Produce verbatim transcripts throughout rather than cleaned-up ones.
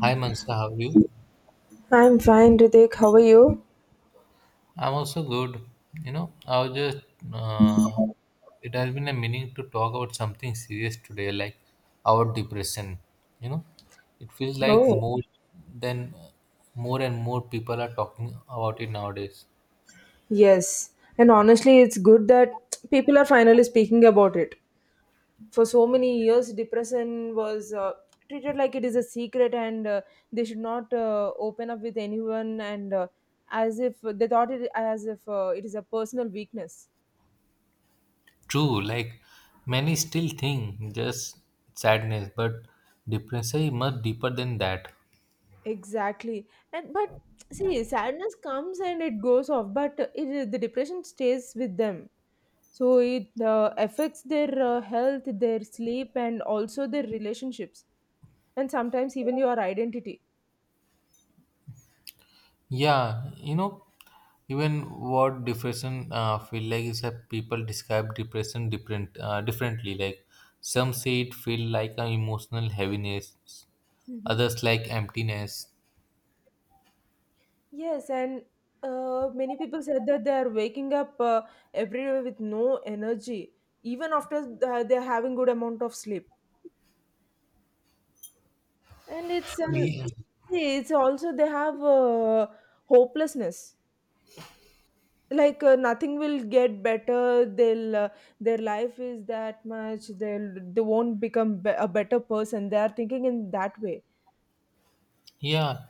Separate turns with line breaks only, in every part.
Hi Mansa, how are you?
I'm fine, Ritik. How are you?
I'm also good. You know, I was just, uh, it has been a meaning to talk about something serious today, like our depression. You know, it feels like
Oh,
more than more and more people are talking about it nowadays.
yes. And honestly, it's good that people are finally speaking about it. For so many years, depression was uh, treated like it is a secret, and uh, they should not uh, open up with anyone, and uh, as if they thought it as if uh, it is a personal weakness.
True, like many still think just sadness, but depression is much deeper than that.
Exactly. And but see, sadness comes and it goes off, but it, the depression stays with them. So it uh, affects their uh, health, their sleep, and also their relationships, and sometimes even your identity.
Yeah, you know, Even what depression uh, feel like is that people describe depression different uh, differently. Like some say it feel like an emotional heaviness,
Hmm.
others like emptiness.
Yes, and uh, many people said that they are waking up uh, every day with no energy, even after th- uh, they are having good amount of sleep. And it's an
Yeah.
see, it's also they have uh, hopelessness. Like uh, nothing will get better, they'll uh, their life is that much, they'll they won't become be- a better person, they are thinking in that way.
Yeah,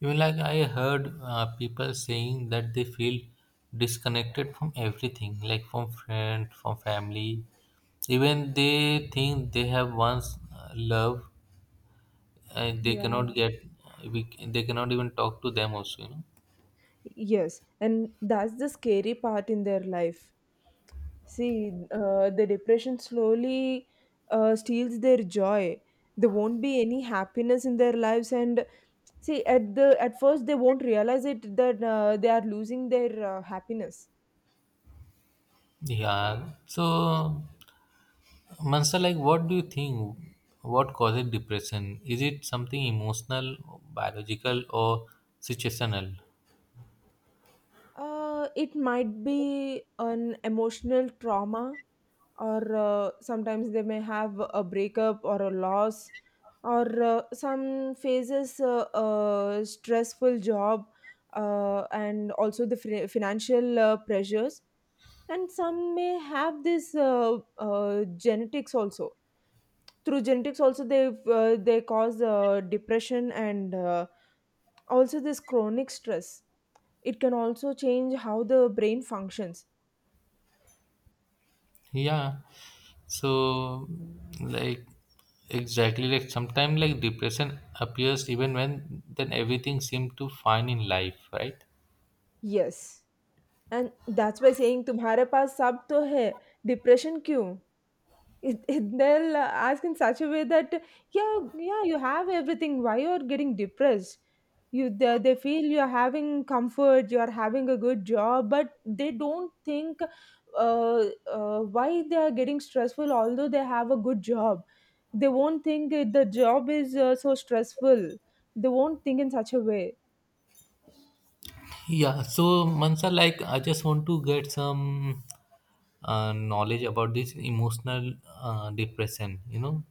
even like I heard uh, people saying that they feel disconnected from everything, like from friend, from family. Even they think they have once uh, loved and they
Yeah.
cannot get we they cannot even talk to them also, you know
Yes, and that's the scary part in their life. See, uh, the depression slowly uh, steals their joy. There won't be any happiness in their lives, and see, at the at first they won't realize it that uh, they are losing their uh, happiness.
yeah so Mansa, like, what do you think? What causes depression? Is it something emotional, biological, or situational?
Uh, it might be an emotional trauma, or uh, sometimes they may have a breakup or a loss, or uh, some phases, uh, a stressful job, uh, and also the fri financial uh, pressures. And some may have this uh, uh, genetics also. Through genetics, also they uh, they cause uh, depression, and uh, also this chronic stress, it can also change how the brain functions.
Yeah, so, like, exactly, like, sometimes like depression appears even when then everything seems to fine in life, right?
Yes. And that's why saying तुम्हारे पास सब तो है depression क्यों? It, it, they'll uh, ask in such a way that, yeah, yeah, you have everything, why you're getting depressed. You they, they feel you're having comfort, you're having a good job, but they don't think uh, uh, why they are getting stressful although they have a good job. They won't think it- the job is uh, so stressful. They won't think in such a way.
Yeah, so Mansa, like I just want to get some uh, knowledge about this emotional uh, depression. You know,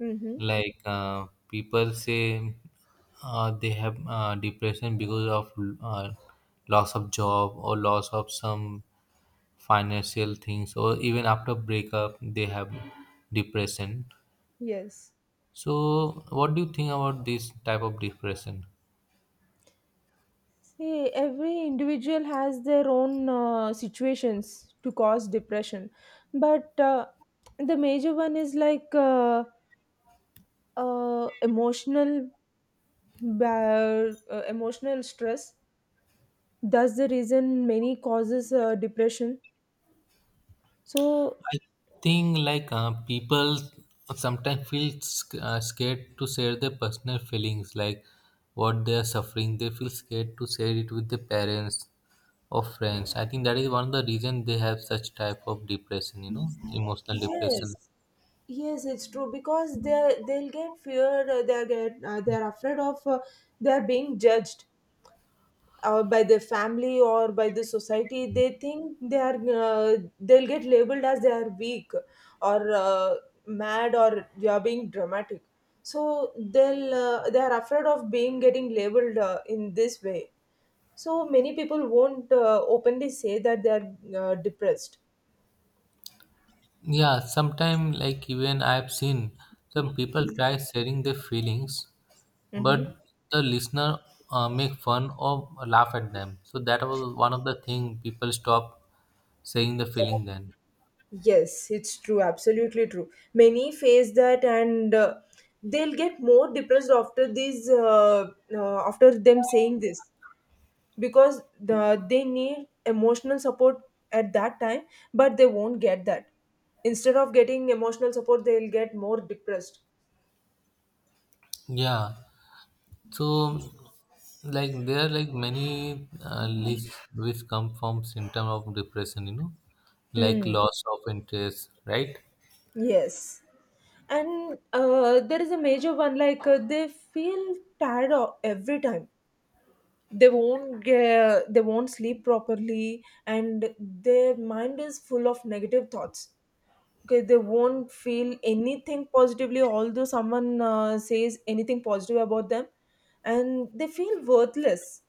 Mm-hmm.
like uh, people say uh, they have uh, depression because of uh, loss of job or loss of some financial things, or even after breakup they have depression.
Yes.
So, what do you think about this type of depression?
See, every individual has their own uh, situations to cause depression, but uh, the major one is like uh, uh, emotional ba- uh, emotional stress. That's the reason many causes uh, depression. So,
I think like uh, people sometimes feel sc- uh, scared to share their personal feelings, like what they are suffering. They feel scared to share it with their parents or friends. I think that is one of the reason they have such type of depression. You know, emotional depression.
yes, yes, it's true, because they they'll get fear. Uh, They get uh, they're afraid of uh, they're being judged, or by their family or by the society. They think they are uh, they'll get labeled as they are weak, or uh, mad, or they are being dramatic. So they'll uh, they are afraid of being getting labeled uh, in this way. So many people won't uh, openly say that they are uh, depressed.
Yeah, sometimes like even I've seen some people try sharing their feelings,
Mm-hmm.
but the listener uh, make fun or laugh at them. So that was one of the thing people stop saying the feeling then.
Yes, it's true, absolutely true. Many face that, and uh, they'll get more depressed after these, uh, uh, after them saying this, because the they need emotional support at that time, but they won't get that. Instead of getting emotional support, they'll get more depressed.
Yeah. So like there are like many uh, lists which come from symptom of depression, you know, like
Hmm.
loss of interest, right?
Yes, and uh, there is a major one, like uh, they feel tired o- every time. They won't get, they won't sleep properly, and their mind is full of negative thoughts. Okay, they won't feel anything positively, although someone uh, says anything positive about them, and they feel worthless.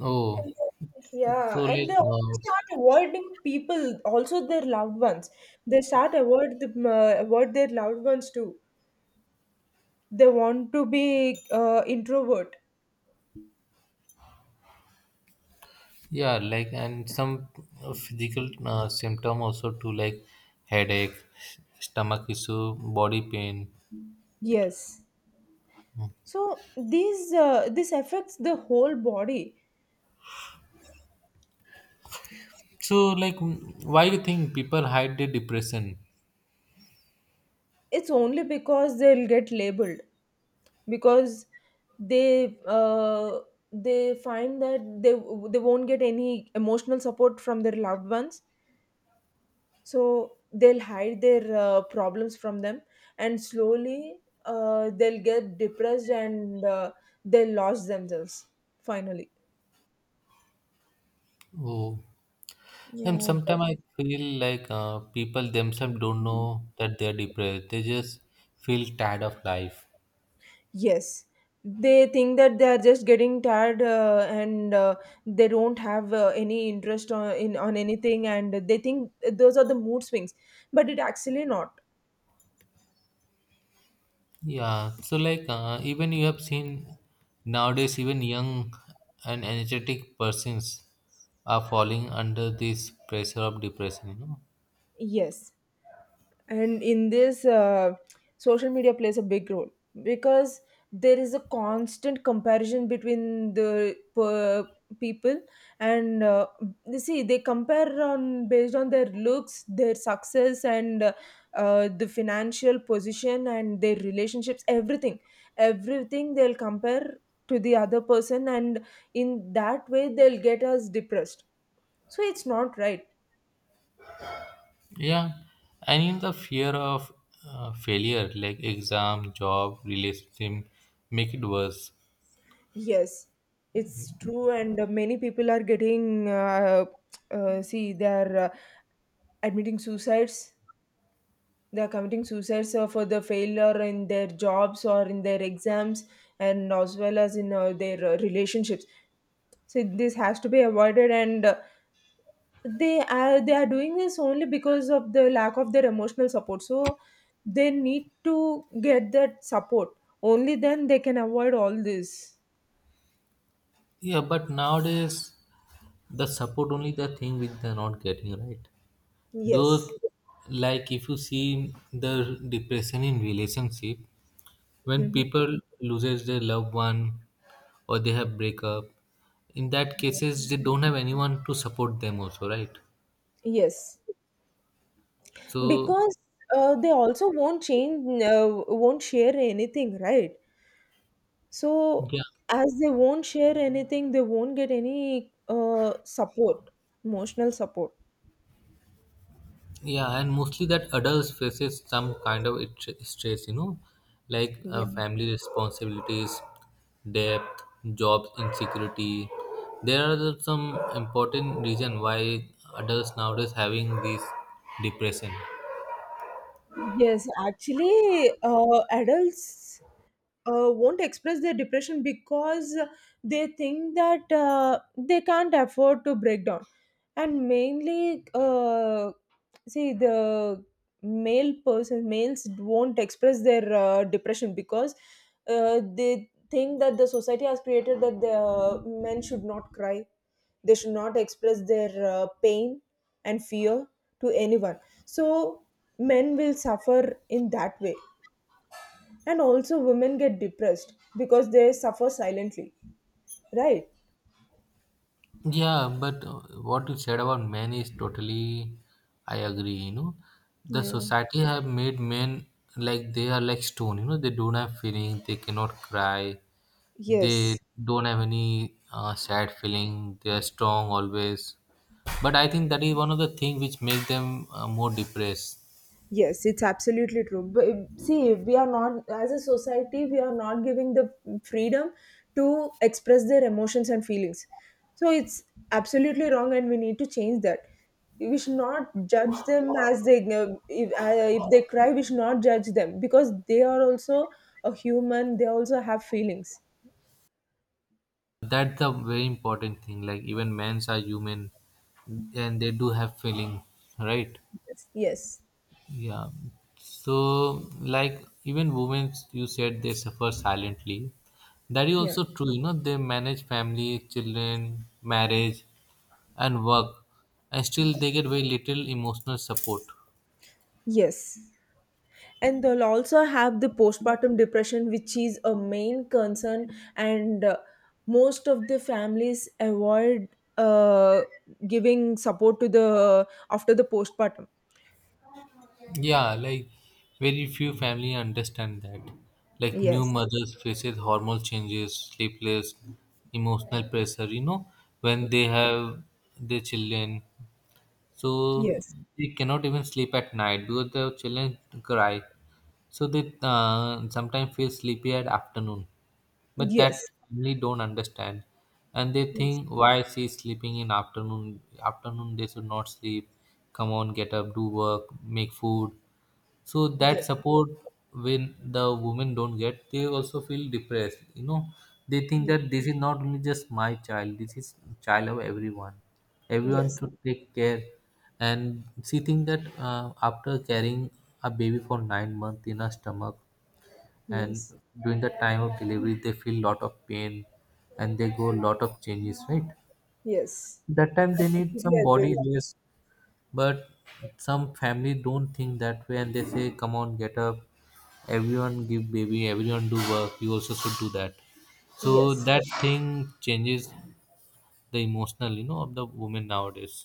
Oh,
And they-
so
Yeah, and
like
they also
um,
start avoiding people, also their loved ones. They start avoid the, uh, avoid their loved ones too. They want to be uh, introvert.
yeah, like, and some uh, physical uh, symptom also too, like headache, stomach issue, body pain.
Yes. So these uh, this affects the whole body.
So like, mm, why you think people hide their depression?
It's only because they'll get labeled, because they uh, they find that they they won't get any emotional support from their loved ones, so they'll hide their uh, problems from them, and slowly uh, they'll get depressed, and uh, they'll lose themselves finally.
Oh, and
Yeah.
sometimes I feel like uh, people themselves don't know that they're depressed, they just feel tired of life.
Yes, they think that they are just getting tired uh, and uh, they don't have uh, any interest on in on anything, and they think those are the mood swings, but it actually not.
Yeah, so like uh, even you have seen nowadays even young and energetic persons are falling under this pressure of depression, you know.
Yes, and in this uh, social media plays a big role, because there is a constant comparison between the per- people, and uh, you see, they compare on based on their looks, their success, and uh, uh, the financial position, and their relationships, everything everything They'll compare to the other person, and in that way they'll get us depressed. So it's not right.
Yeah, and in the fear of uh, failure, like exam, job, relationship, make it worse.
Yes, it's true, and uh, many people are getting, uh, uh, see, they are uh, admitting suicides. They are committing suicides uh, for the failure in their jobs or in their exams, and as well as in uh, their uh, relationships. So this has to be avoided, and uh, they are they are doing this only because of the lack of their emotional support. So they need to get that support. Only then they can avoid all this.
Yeah, but nowadays the support only the thing which they're not getting, right? Those,
Yes.
like, if you see the depression in relationship, when
Hmm.
people loses their loved one or they have breakup, in that cases they don't have anyone to support them also, right?
Yes.
So
Because uh, they also won't change uh, won't share anything, right? So
yeah.
as they won't share anything, they won't get any uh, support emotional support.
Yeah, and mostly that adults faces some kind of it- stress, you know, like uh,
Yeah.
family responsibilities, debt, job insecurity. There are the- some important reason why adults nowadays having this depression.
Yes, actually uh, adults uh, won't express their depression, because they think that uh, they can't afford to break down. And mainly uh, see, the male person males won't express their uh, depression, because uh, they think that the society has created that the uh, men should not cry, they should not express their uh, pain and fear to anyone. So men will suffer in that way, and also women get depressed because they suffer silently, right?
Yeah, but uh, what you said about men is totally, I agree. You know, the
Yeah.
society have made men like they are like stone. You know, they don't have feeling. They cannot cry. They
Yes.
don't have any uh, sad feeling. They are strong always. But I think that is one of the thing which make them uh, more depressed.
Yes, it's absolutely true. But it- see, we are not as a society we are not giving the freedom to express their emotions and feelings. So it's absolutely wrong, and we need to change that. We should not judge them as they uh, if, uh, if they cry. We should not judge them, because they are also a human, they also have feelings.
That's the very important thing. Like even men's are human, and they do have feeling, right?
Yes.
Yeah. So, like, even women, you said they suffer silently. That is
Yeah.
also true. You know, they manage family, children, marriage, and work, and still they get very little emotional support.
Yes. And they'll also have the postpartum depression, which is a main concern. And uh, most of the families avoid uh, giving support to the after the postpartum.
Yeah, like, very few family understand that. Like, new
Yes,
mothers faces hormone changes, sleepless, emotional pressure. You know, when they have their children, so
yes,
they cannot even sleep at night because the children cry. So they uh, sometimes feel sleepy at afternoon, but that
yes,
family don't understand, and they
yes,
think why she's sleeping in afternoon. Afternoon they should not sleep. Come on, get up, do work, make food. So that
yes,
support, when the women don't get, they also feel depressed. You know, they think that this is not only just my child. This is child of everyone. Everyone
yes,
should take care. And she think that uh, after carrying a baby for nine months in her stomach, and
yes,
during the time of delivery they feel lot of pain, and they go lot of changes, right?
yes,
That time
I
they need
completely
some
agree
body
with
rest, but some family don't think that way and they say come on, get up, everyone give baby, everyone do work, you also should do that.
you.
So
Yes,
that thing changes the emotional, you know, of the women nowadays.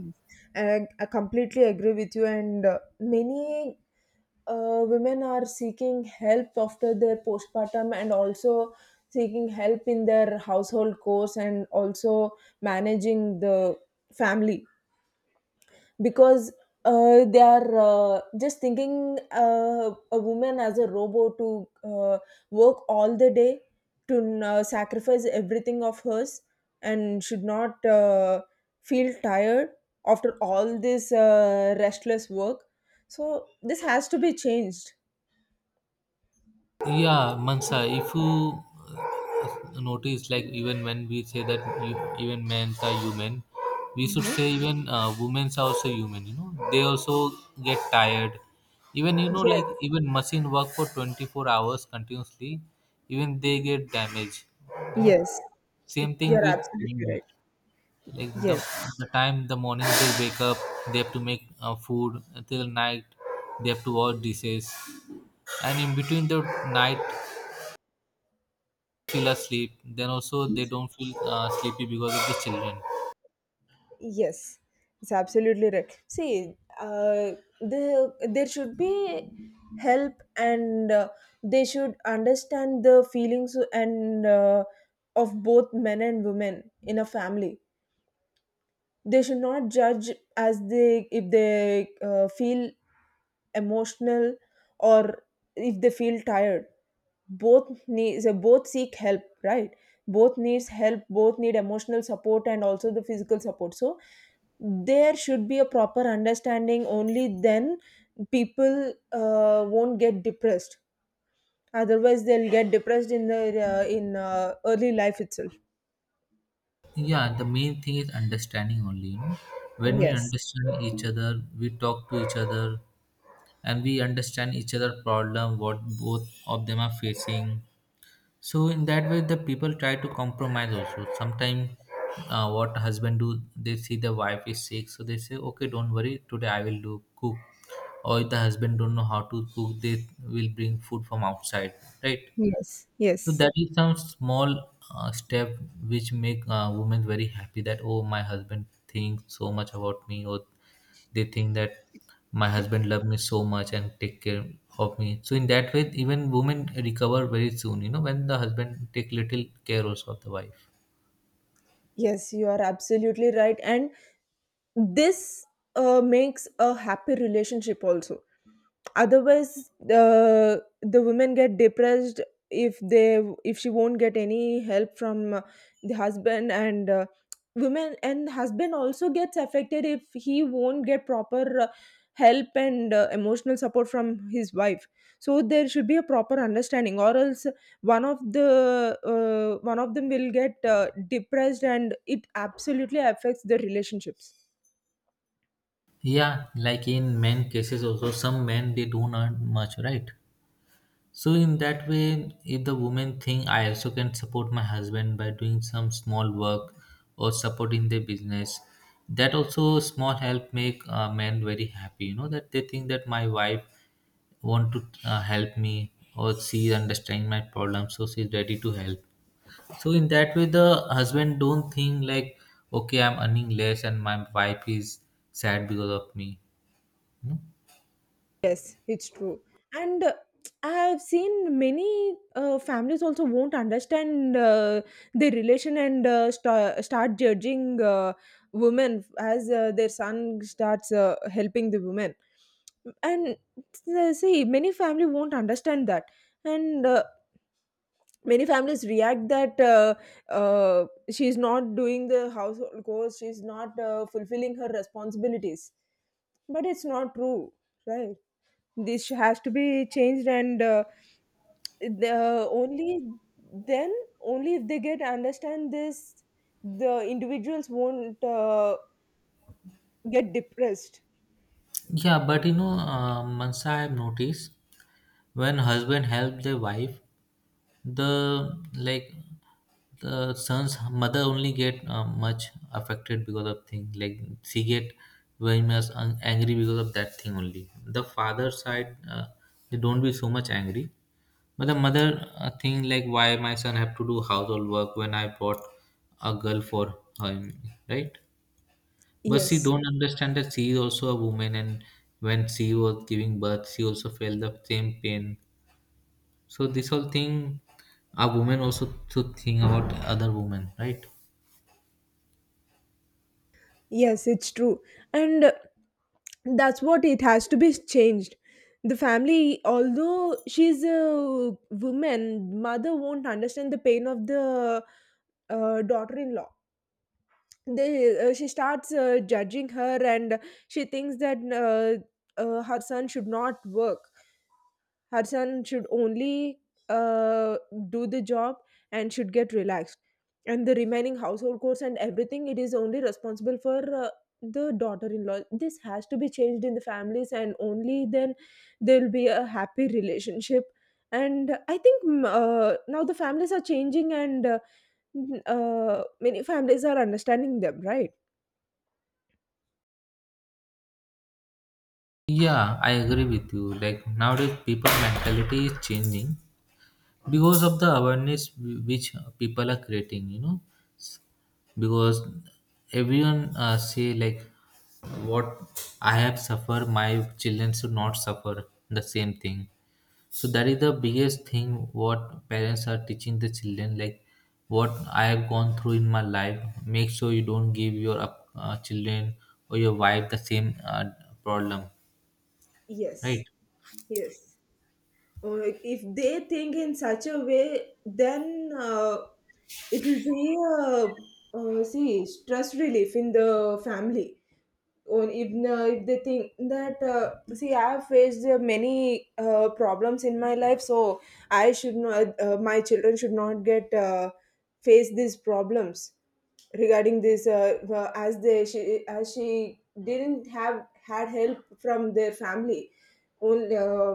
yes, and I completely agree with you. And uh, many uh, women are seeking help after their postpartum, and also seeking help in their household chores, and also managing the family, because uh, they are uh, just thinking uh, a woman as a robot to uh, work all the day, to uh, sacrifice everything of hers, and should not uh, feel tired after all this uh, restless work. So this has to be changed.
Yeah, Mansa, if you uh, notice, like, even when we say that you, even men are human, we should
Mhm.
say even uh, women are also human, you know, they also get tired. Even, you know, like
Yes.
even machine work for twenty-four hours continuously, even they get damaged. You know,
Yes.
same thing
You're
with
absolutely
women.
right.
Like the,
Yes.
the time, the morning they wake up, they have to make uh, food till night, they have to wash dishes, and in between the night feel asleep, then also they don't feel uh, sleepy because of the children.
Yes, it's absolutely right. See, uh, the there should be help, and uh, they should understand the feelings, and uh, of both men and women in a family. They should not judge, as they, if they uh, feel emotional or if they feel tired. Both needs both seek help, right? Both needs help. Both need emotional support and also the physical support. So there should be a proper understanding. Only then people uh, won't get depressed. Otherwise they'll get depressed in the uh, in uh, early life itself.
Yeah, the main thing is understanding only, you know. When we
Yes,
understand each other, we talk to each other, and we understand each other problem, what both of them are facing. So in that way the people try to compromise also sometimes. Uh, what husband do, they see the wife is sick, so they say okay, don't worry, today I will do cook. Or if the husband don't know how to cook, they will bring food from outside, right?
yes,
So
yes.
that is some small uh, step which make uh, women very happy, that oh, my husband thinks so much about me, or they think that my husband love me so much and take care of me. So in that way even women recover very soon, you know, when the husband take little care also of the wife.
Yes, you are absolutely right. And this uh, makes a happy relationship also. Otherwise, the the women get depressed if they, if she won't get any help from uh, the husband, and uh, women and husband also gets affected if he won't get proper uh, help and uh, emotional support from his wife. So there should be a proper understanding, or else one of the uh, one of them will get uh, depressed, and it absolutely affects the relationships.
Yeah, like, in men cases also some men they don't earn much, right? So in that way, if the women think I also can support my husband by doing some small work or supporting their business, that also small help make uh, men very happy. You know that they think that my wife want to uh, help me, or she understand my problem, so she's ready to help. So in that way, the husband don't think like okay, I'm earning less and my wife is sad because of me. Hmm?
Yes, it's true. And uh, I've seen many uh, families also won't understand uh, their relation, and uh, sta start judging uh, women as uh, their son starts uh, helping the women. And uh, see, many family won't understand that. And uh, many families react that, uh, uh, she's not doing the household chores, she's not uh, fulfilling her responsibilities. But it's not true, right? This has to be changed, and uh, the uh, only then, only if they get understand this, the individuals won't uh, get depressed.
Yeah, but you know, uh, Mansa, I've noticed when husband help the wife, the like the son's mother only get uh, much affected because of thing. Like she get very much un- angry because of that thing only. The father side, uh, they don't be so much angry. But the mother uh, thing like why my son have to do household work when I bought a girl for him, right? But she
Yes,
don't understand that she is also a woman, and when she was giving birth, she also felt the same pain. So this whole thing, a woman also should think about other women, right?
yes, it's true. And uh, that's what it has to be changed. The family, although she's a woman, mother won't understand the pain of the uh, daughter in law. They uh, She starts uh, judging her, and she thinks that uh, uh, her son should not work, her son should only uh, do the job and should get relaxed, and the remaining household chores and everything, it is only responsible for uh, the daughter-in-law. This has to be changed in the families, and only then there'll be a happy relationship. And I think mm, uh, now the families are changing, and uh, mm, uh, many families are understanding them, right?
Yeah, I agree with you. Like nowadays, people mentality is changing because of the awareness wh- which people are creating. You know, because everyone uh, say like, what I have suffered, my children should not suffer the same thing. So that is the biggest thing what parents are teaching the children, like what I have gone through in my life, make sure you don't give your up- uh, children or your wife the same uh, problem,
Yes,
right?
yes. Uh, if they think in such a way, then uh, it will be a, uh, see, stress relief in the family. Or if uh, if they think that uh, see, I have faced uh, many uh, problems in my life, so I should not, uh, my children should not get uh, face these problems regarding this uh, uh, as they she as she didn't have had help from their family only, uh,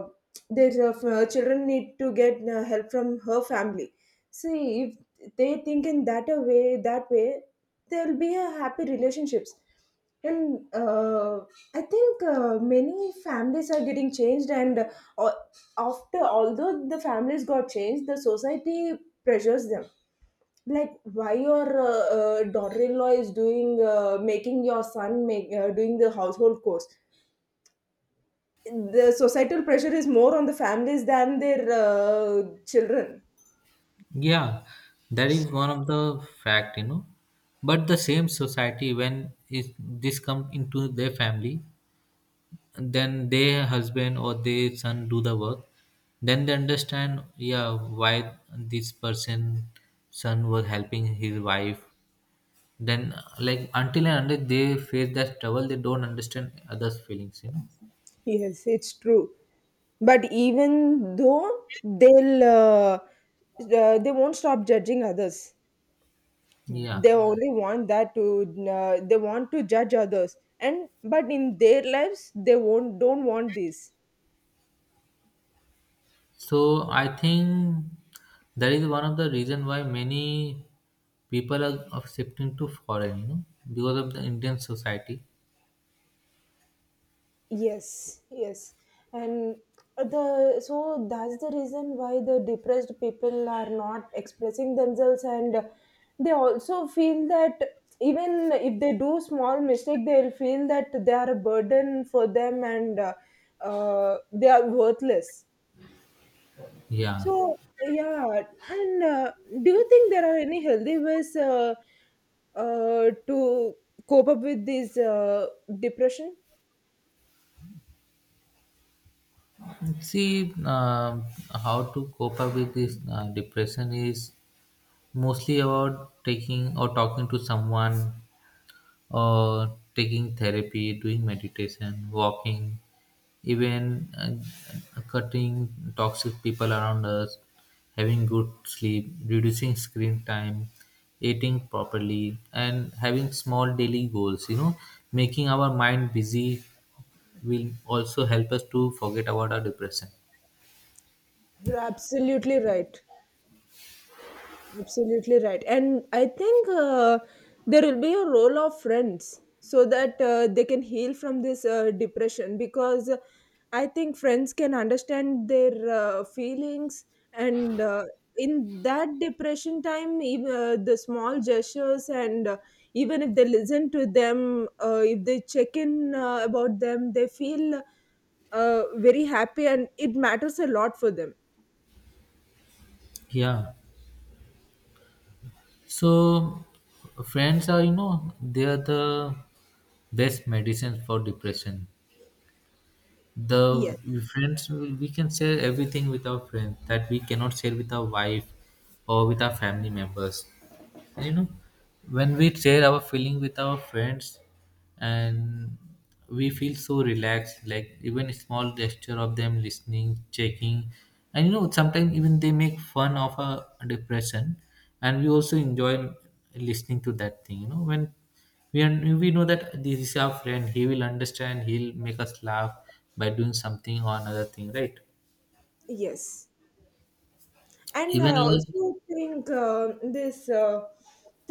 their uh, children need to get uh, help from her family. See, if they think in that a way that way, there'll be a happy relationships. And uh, I think uh, many families are getting changed, and uh, al- after, although the families got changed, the society pressures them, like why your uh, uh, daughter-in-law is doing, uh, making your son make uh, doing the household chores. The societal pressure is more on the families than their uh, children.
Yeah, that is one of the fact, you know. But the same society, when it, this comes into their family, then their husband or their son do the work, then they understand, yeah, why this person son was helping his wife. Then, like, until and unless they face that trouble, they don't understand others' feelings, you know.
Yes, it's true. But even though they'll, uh, uh, they won't stop judging others.
Yeah.
They Mm. only want that to, uh, they want to judge others. And but in their lives, they won't don't want this.
So I think that is one of the reason why many people are of shifting to foreign, you know, because of the Indian society.
Yes, yes. And the so that's the reason why the depressed people are not expressing themselves, and they also feel that even if they do small mistake, they'll feel that they are a burden for them, and uh, uh, they are worthless.
Yeah.
So yeah, and uh, do you think there are any healthy ways uh, uh, to cope up with this uh, depression?
See, um how to cope up with this uh, depression is mostly about taking or talking to someone. Or taking therapy, doing meditation, walking, even uh, cutting toxic people around us, having good sleep, reducing screen time, eating properly, and having small daily goals. You know, making our mind busy will also help us to forget about our depression.
You're absolutely right. Absolutely right. And I think uh, there will be a role of friends so that uh, they can heal from this uh, depression, because I think friends can understand their uh, feelings. And uh, in that depression time, even, uh, the small gestures, and uh, even if they listen to them, uh, if they check in uh, about them, they feel uh, very happy and it matters a lot for them.
Yeah. So, friends are, you know, they are the best medicines for depression.
Yes,
The friends, we can share everything with our friends that we cannot share with our wife or with our family members. And you know, when we share our feeling with our friends and we feel so relaxed, like even a small gesture of them listening, checking. And you know, sometimes even they make fun of our depression and we also enjoy listening to that thing you know when we are, we know that this is our friend, he will understand, he'll make us laugh by doing something or another thing, right?
yes. And I
Even like,
also think um this uh,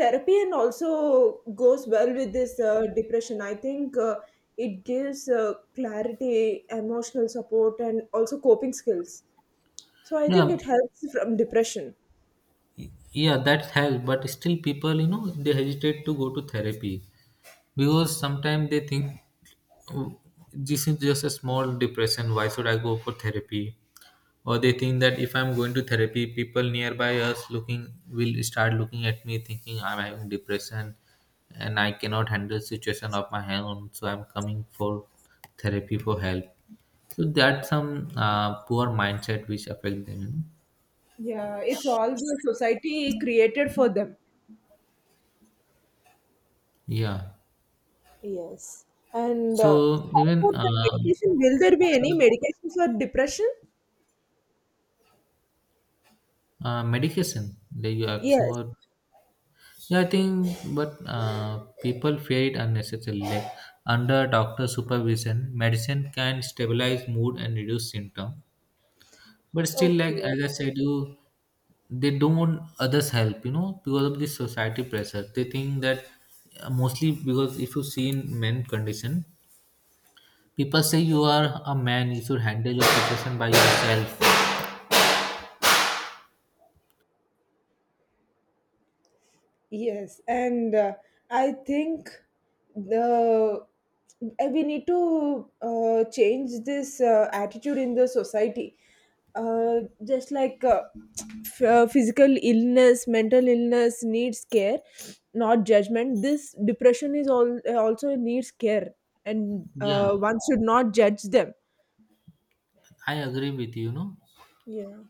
therapy and also goes well with this uh, depression. I think uh, it gives uh, clarity, emotional support, and also coping skills. So I think
yeah,
it helps from depression.
yeah, that helps. But still people, you know, they hesitate to go to therapy because sometimes they think, "Oh, this is just a small depression, why should I go for therapy?" Or they think that if I'm going to therapy, people nearby us looking will start looking at me thinking I'm having depression and I cannot handle situation of my own, so I'm coming for therapy for help. So that's some uh, poor mindset which affect them, you know?
Yeah, it's all the society created for them.
Yeah,
Yes. And uh,
so
How
even
about
uh,
the medication? Will there be any
some,
medication for depression?
uh, medication that you are asking
Yes.
about. Yeah, I think, but uh, people fear it unnecessarily. Like, under doctor supervision, medicine can stabilize mood and reduce symptom. But still, like
Okay.
as I said, you they don't want others help. You know, because of this society pressure, they think that uh, mostly because if you see in men condition, people say you are a man, you should handle your situation by yourself.
Yes, and uh, I think the uh, we need to uh, change this uh, attitude in the society. Uh, just like uh, f- uh, physical illness, mental illness needs care, not judgment. This depression is all uh, also needs care, and
Yeah,
uh, one should not judge them.
I agree with you, you know.
Yeah.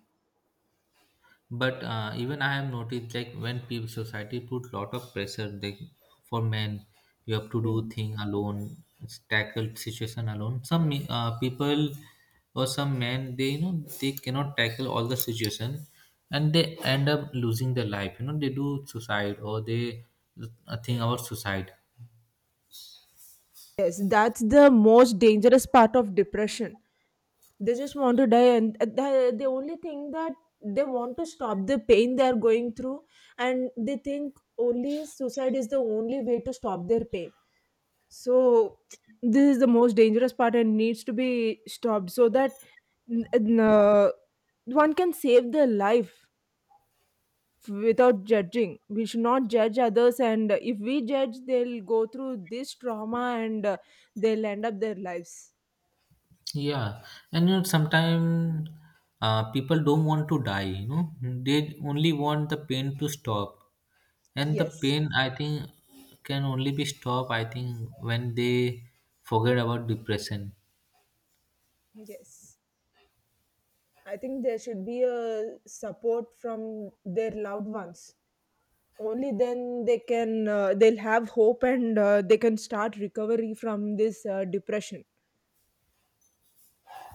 But uh, even I have noticed, like, when people society put lot of pressure like for men, you have to do
Mm.
thing alone, tackle situation alone. Some me- uh, people or some men, they, you know, they cannot tackle all the situation, and they end up losing their life. You know, they do suicide or they uh, think about suicide.
Yes, that's the most dangerous part of depression. They just want to die, and uh, the, the only thing that they want to stop the pain they are going through, and they think only suicide is the only way to stop their pain. So this is the most dangerous part and needs to be stopped, so that n- n- uh, one can save their life. Without judging, we should not judge others, and if we judge, they'll go through this trauma, and uh, they'll end up their lives.
Yeah, and you know sometimes uh, people don't want to die. You know, they only want the pain to stop. And the
Yes.
pain, I think, can only be stopped, I think, when they forget about depression.
Yes. I think there should be a support from their loved ones. Only then they can, uh, they'll have hope, and uh, they can start recovery from this uh, depression.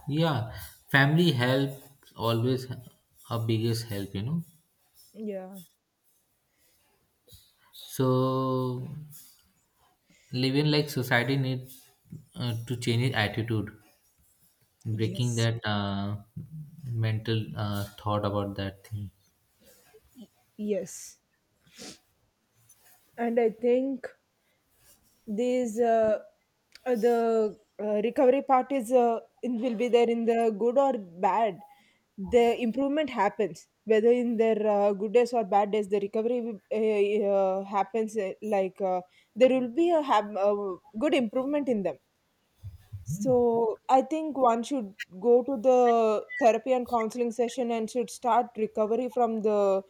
Yeah, family help, always our biggest help, you know.
Yeah.
So, living, like, society needs uh, to change its attitude, breaking
Yes.
that uh, mental uh, thought about that thing.
Yes. And I think these uh, uh, the uh, recovery part is uh, in- will be there in the good or bad. The improvement happens whether in their uh, good days or bad days. The recovery uh, uh, happens, uh, like uh, there will be a hab- uh, good improvement in them. So I think one should go to the therapy and counseling session, and should start recovery from the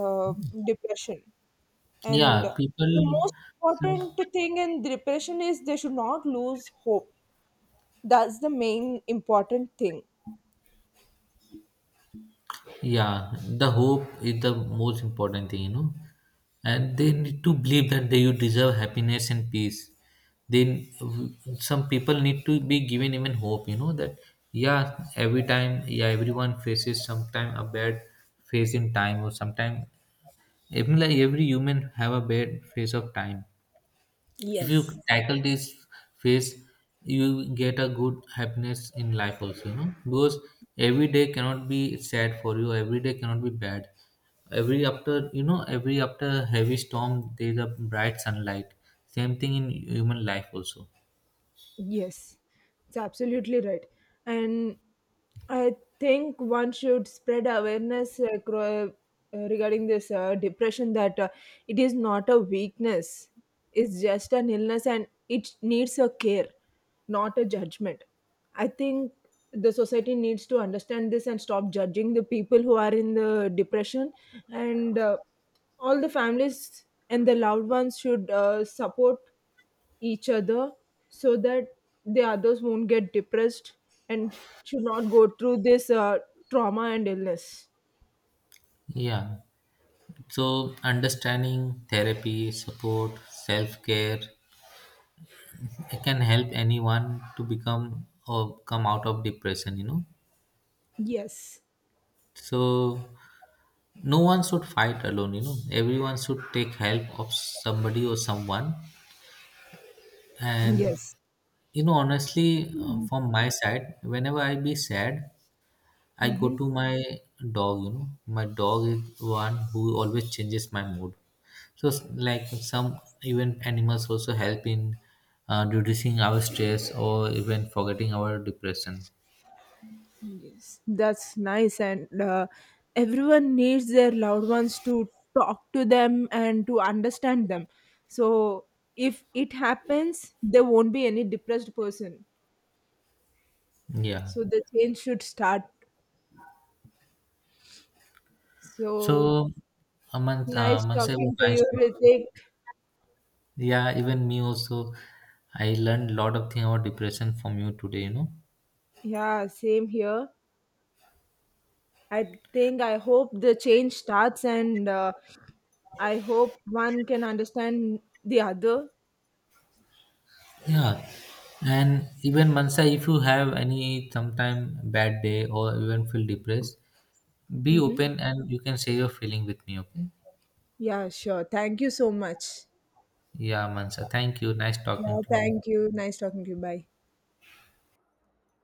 uh, depression. And
Yeah,
the
people.
most
Some.
important thing in depression is they should not lose hope. That's the main important thing.
Yeah, the hope is the most important thing, you know. And they need to believe that they, you deserve happiness and peace. Then some people need to be given even hope, you know, that yeah, every time, yeah, everyone faces sometime a bad phase in time or sometime even like every human have a bad phase of time. If you
Yes.
tackle this phase, you get a good happiness in life also, you know, because every day cannot be sad for you. Every day cannot be bad. Every after, you know, every after heavy storm, there is a bright sunlight. Same thing in human life also.
Yes, it's absolutely right. And I think one should spread awareness acro- uh, regarding this uh, depression, that uh, it is not a weakness, it's just an illness and it needs a care, not a judgment. I think the society needs to understand this and stop judging the people who are in the depression. And uh, all the families and the loved ones should uh, support each other, so that the others won't get depressed and should not go through this uh, trauma and illness.
Yeah. So understanding therapy, support, self care, it can help anyone to become or come out of depression, you know.
Yes.
So no one should fight alone, you know, everyone should take help of somebody or someone. And
Yes.
you know, honestly, uh, from my side, whenever I be sad, I go
Mm-hmm.
to my dog. You know, my dog is one who always changes my mood. So s- like some, even animals also help in uh, reducing our stress or even forgetting our depression.
Yes, that's nice. And uh, everyone needs their loved ones to talk to them and to understand them. So if it happens, there won't be any depressed person.
Yeah,
So the change should start.
so
So
among, uh,
nice
Mansa, was
talking to
nice
you,
talking
Ritik.
to. Yeah, even me also. I learned a lot of thing about depression from you today, you know.
Yeah, same here. I think I hope the change starts, and uh, I hope one can understand the other.
Yeah. And even Mansa, if you have any sometime bad day or even feel depressed, be
Mm-hmm.
open and you can share your feeling with me, okay?
Yeah, sure. Thank you so much.
Yeah, Mansa. Thank you. Nice talking
Yeah,
to you.
thank you. Nice talking to you. Bye.